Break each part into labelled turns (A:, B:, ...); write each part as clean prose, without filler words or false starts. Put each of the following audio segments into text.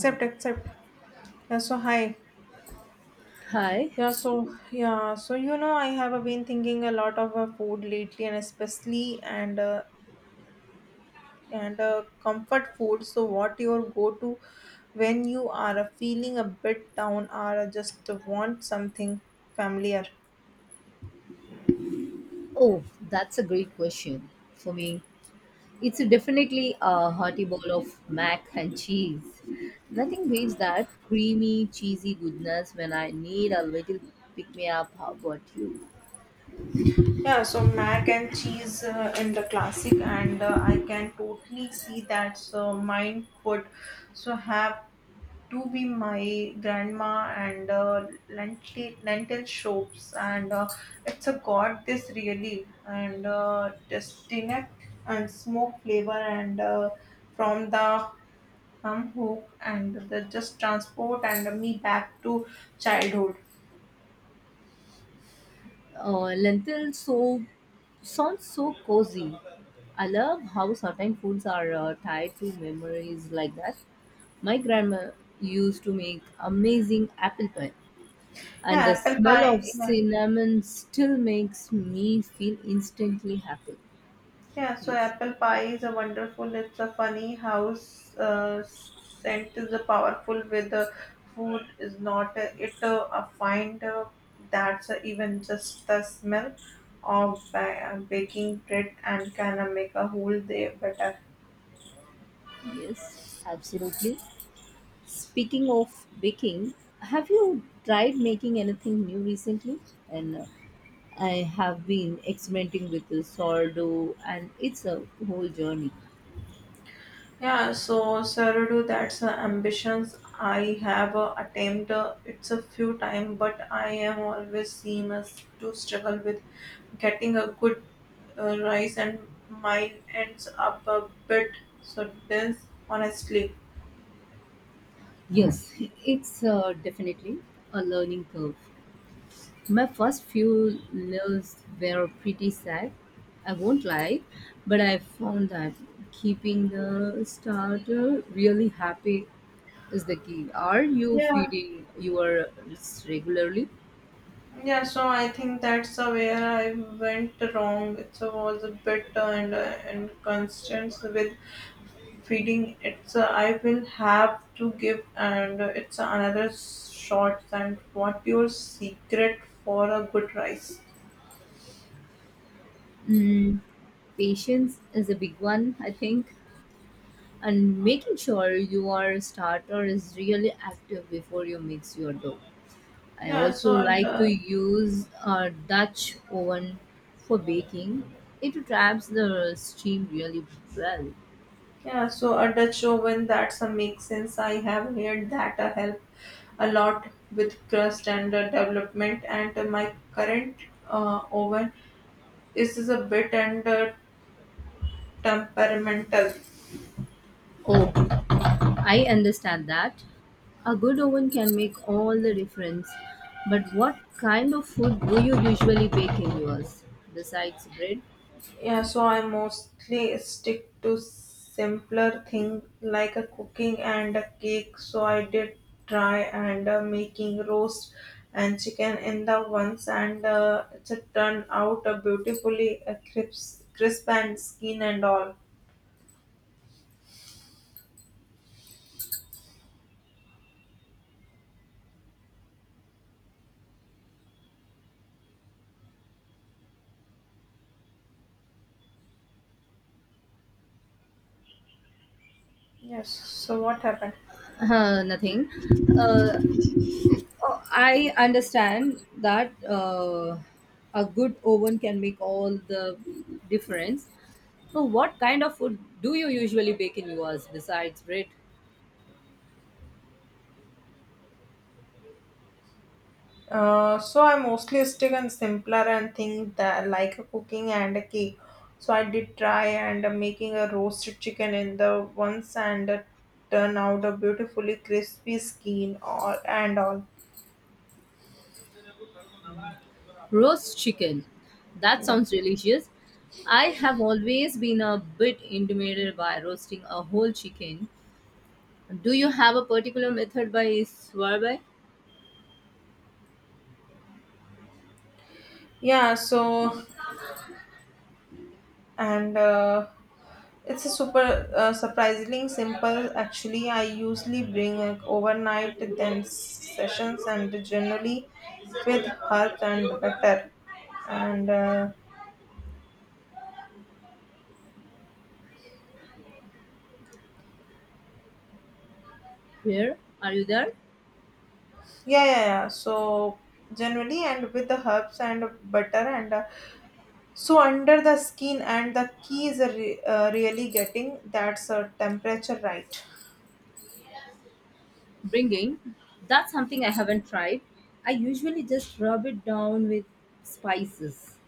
A: Oh,
B: accept. Hi.
A: hi.
B: I have been thinking a lot of food lately, and especially and comfort food. So, what your go-to when you are feeling a bit down or just want something familiar?
A: Oh, that's a great question. For me, it's definitely a hearty bowl of mac and cheese. Nothing beats that creamy, cheesy goodness when I need a little pick me up. How about you?
B: Yeah, so mac and cheese in the classic, and I can totally see that. So mine would have to be my grandma and lentil soups and it's a god this really and distinct and smoke flavor and from the hum hook and the just transport and me back to childhood.
A: Lentil soup sounds so cozy. I love how certain foods are tied to memories like that. My grandma used to make amazing apple pie. And the
B: Yeah, apple
A: smell
B: pie,
A: of
B: yeah.
A: cinnamon still makes me feel instantly happy.
B: Yeah, so
A: Yes,
B: apple pie is a wonderful. It's a funny house scent is a powerful with the food is not. It I find that's even just the smell of baking bread and can make a whole day better.
A: yes, absolutely. Speaking of baking, have you tried making anything new recently? And I have been experimenting with the sourdough, and it's a whole journey.
B: Yeah, so Saradu, that's the ambitions I have attained. It's a few time, but I am always seen as to struggle with getting a good rise, and mine ends up a bit so dense, honestly.
A: Yes, it's definitely a learning curve. My first few lives were pretty sad, I won't lie, but I found that keeping the starter really happy is the key. Are you
B: Yeah,
A: feeding your regularly?
B: yeah. So I think that's where I went wrong. It was a bit and inconsistent with feeding it's I will have to give and it's another shot and what your secret for a good rice.
A: Mm, Patience is a big one, I think, and making sure your starter is really active before you mix your dough. I
B: yeah
A: also
B: so
A: like to
B: uh,
A: use a Dutch oven for baking. It traps the steam really well.
B: yeah so a Dutch oven, that's a make sense. I have heard that help a lot with crust and development and my current oven is a bit and temperamental.
A: Oh, I understand that. A good oven can make all the difference. But what kind of food do you usually bake in yours? Besides bread?
B: Yeah, so I mostly stick to simpler thing like a cooking and a cake. So I did try and making roast and chicken in the once, and it turned out beautifully crisp and skin and all. Yes. So what happened?
A: Nothing. Uh, Oh, I understand that a good oven can make all the difference. So, what kind of food do you usually bake in yours besides bread?
B: So I mostly stick on simpler and think that like a cooking and a cake. So I did try and making a roasted chicken in the once and turn out a beautifully crispy skin or and all.
A: Roast chicken. That
B: Yeah,
A: sounds delicious. I have always been a bit intimidated by roasting a whole chicken. Do you have a particular method by Swarby?
B: yeah. So and it's a super surprisingly simple. Actually, I usually bring overnight then sessions and generally with herbs and butter and.
A: Where? Are you there?
B: Yeah, yeah, yeah. So generally, and with the herbs and butter and so under the skin, and the key is really getting that's a temperature right.
A: Bringing. That's something I haven't tried. I usually just rub it down with spices.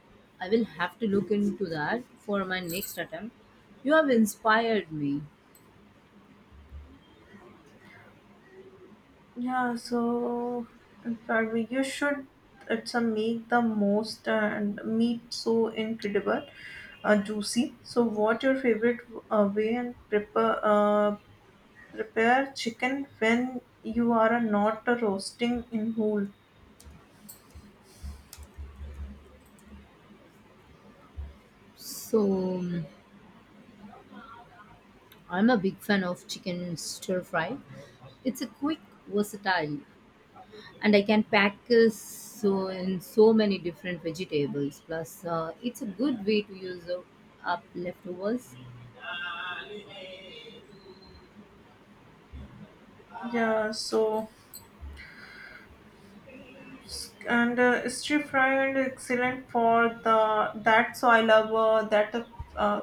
A: I will have to look into that for my next attempt. You have inspired me.
B: Yeah, so probably you should it's a make the most and meat so incredible, juicy. So what your favorite way and prepare prepare chicken when you are not roasting in whole.
A: So, I'm a big fan of chicken stir fry. It's a quick, versatile, and I can package so in so many different vegetables. Plus, it's a good way to use up leftovers.
B: Yeah, so. And stir fry and excellent for the that so I love that uh,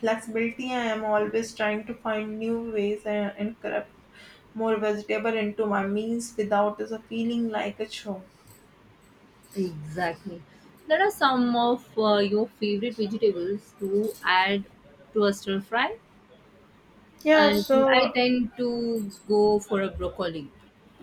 B: flexibility. I am always trying to find new ways and incorporate more vegetable into my meals without is a feeling like a show.
A: Exactly. There are some of your favorite vegetables to add to a stir fry. I
B: yeah
A: think I
B: so
A: tend to go for a broccoli,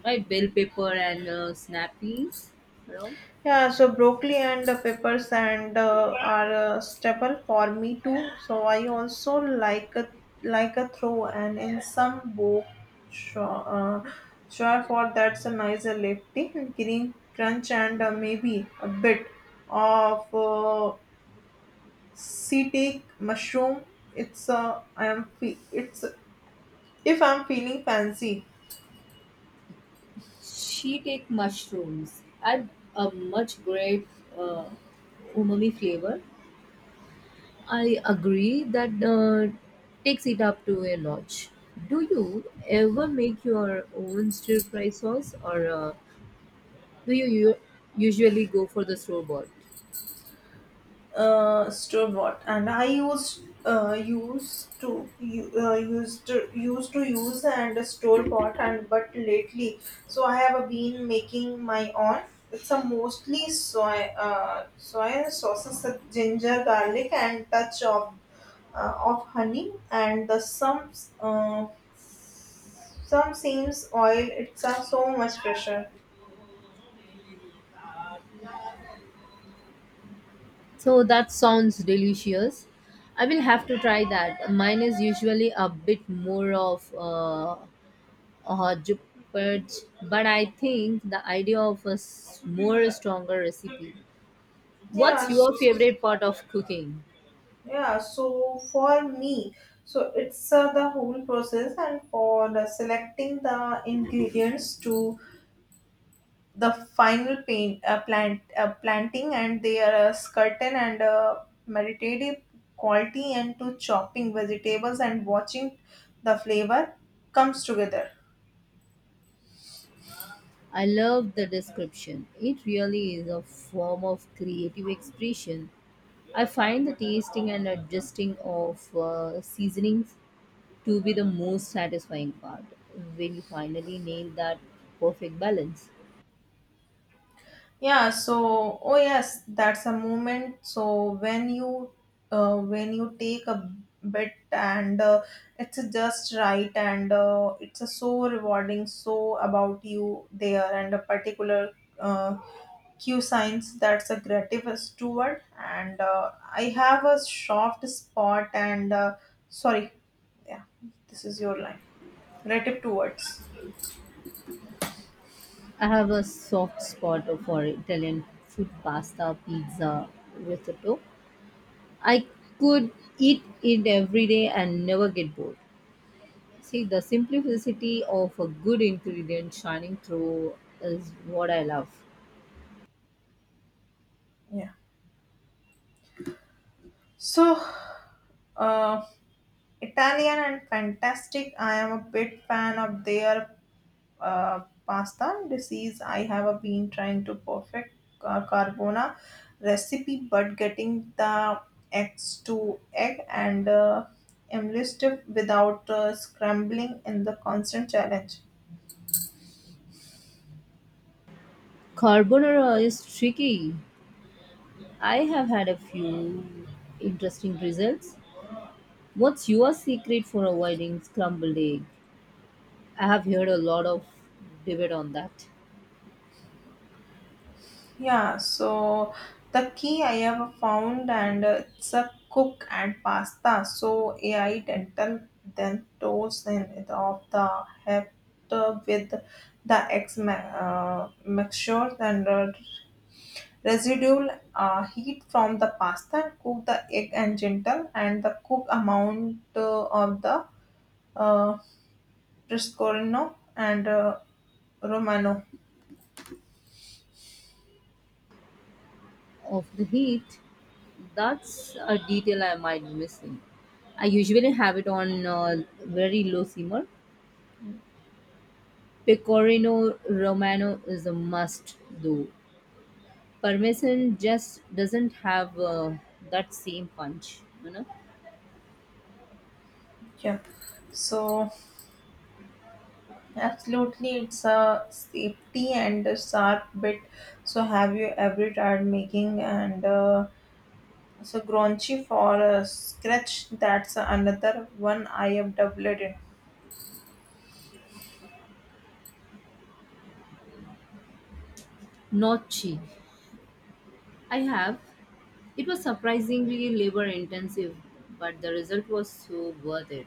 A: right? Bell pepper and snap peas. You know,
B: Yeah, so broccoli and the peppers and are a staple for me too. So I also like a throw and in some book sure, sure for that's a nicer lifting green crunch and maybe a bit of sea mushroom. It's if I'm feeling fancy.
A: she take mushrooms. Add a much great uh, umami flavor. I agree that takes it up to a notch. Do you ever make your own stir fry sauce or Do you u- usually go for the store bought?
B: Store bought, and I used used to u- used to- used to use and store bought, and but lately so I have been making my own. It's a mostly soy soy sauces with ginger garlic and touch of honey and the uh, some seems oil it's a so much pressure.
A: So that sounds delicious. I will have to try that. Mine is usually a bit more of a hot purge, but I think the idea of a more stronger recipe.
B: yeah
A: What's your favorite part of cooking?
B: Yeah, so for me, so it's the whole process, and for the selecting the ingredients to the final planting, and they are a curtain and a meditative quality, and to chopping vegetables and watching the flavor comes together.
A: I love the description. It really is a form of creative expression. I find the tasting and adjusting of seasonings to be the most satisfying part when you finally nail that perfect balance.
B: Yeah, so oh yes, that's a moment. So when you take a bit and it's just right and it's a so rewarding. So about you there and a particular uh, cue signs that's a creative steward and I have a soft spot and sorry, yeah, this is your line, creative towards.
A: I have a soft spot for Italian food, pasta, pizza, risotto. I could eat it every day and never get bored. See, the simplicity of a good ingredient shining through is what I love.
B: yeah so uh, Italian and fantastic. I am a bit fan of their pasta disease. I have been trying to perfect carbona recipe, but getting the eggs to egg and enlisted without scrambling in the constant challenge.
A: Carbonara is tricky. I have had a few interesting results. What's your secret for avoiding scrambled egg? I have heard a lot of debate on that.
B: Yeah, so the key I have found, and it's a cook and pasta. So AI dental then toast and of the head with the mixture and residual heat from the pasta. Cook the egg and gentle and the cook amount of the uh, Prosciutto and Romano.
A: Of the heat, that's a detail I might be missing. I usually have it on very low simmer. Pecorino Romano is a must though. Parmesan just doesn't have that same punch, you know.
B: Yeah, so. Absolutely, it's a safety and a sharp bit. So, have you ever tried making and so grungy for a scratch? That's another one I have doubled in.
A: Nocci, I have. It was surprisingly labor intensive, but the result was so worth it.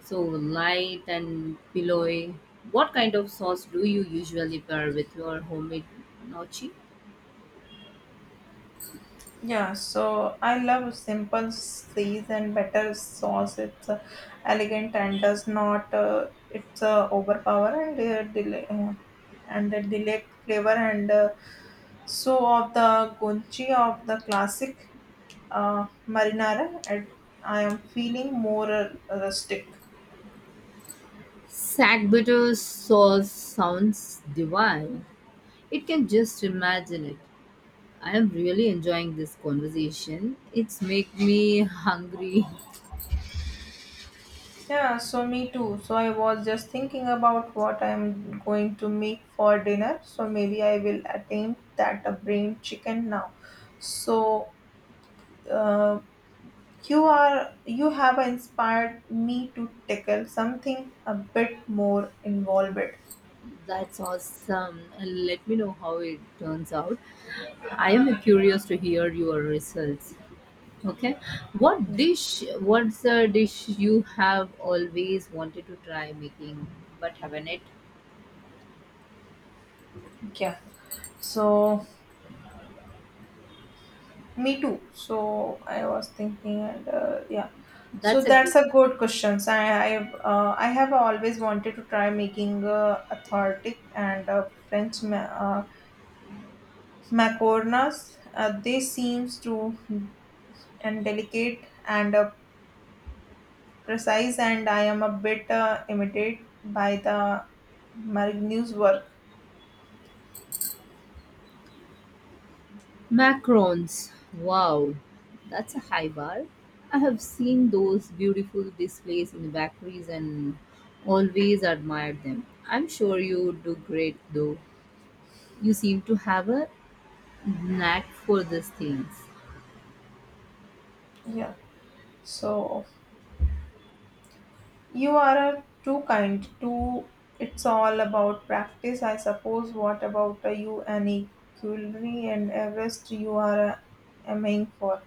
A: So light and pillowy. What kind of sauce do you usually pair with your homemade gnocchi?
B: Yeah, so I love simple seas and better sauce. It's elegant and does not. It's overpower and delay flavor and so of the gunchi of the classic. Marinara and I am feeling more rustic.
A: Sack butter sauce sounds divine. It can just imagine it. I am really enjoying this conversation. It's make me hungry.
B: Yeah, so me too. So I was just thinking about what I'm going to make for dinner. So maybe I will attempt that a brain chicken now. So uh, you have inspired me to tackle something a bit more involved.
A: That's awesome. Let me know how it turns out. I am curious to hear your results. Okay. What
B: Yeah.
A: dish, what's a dish you have always wanted to try making but haven't it?
B: yeah. So Me too. So I was thinking, and yeah. So
A: That's a
B: that's
A: good.
B: a good question. So I have always wanted to try making authentic and French macarons. They seems to and delicate and precise, and I am a bit imitated by the Marigny's work.
A: Macarons. Wow. That's a high bar. I have seen those beautiful displays in the bakeries and always admired them. I'm sure you do great though. You seem to have a knack for these things.
B: Yeah. So You are too kind. Too. It's all about practice, I suppose. What about you, Annie? Culinary and Everest, you are aiming for.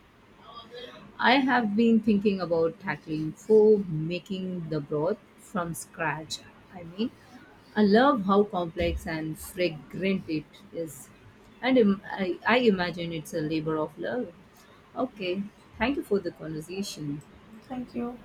A: I have been thinking about tackling for making the broth from scratch. I mean, I love how complex and fragrant it is. I imagine it's a labor of love. Okay, thank you for the conversation.
B: Thank you.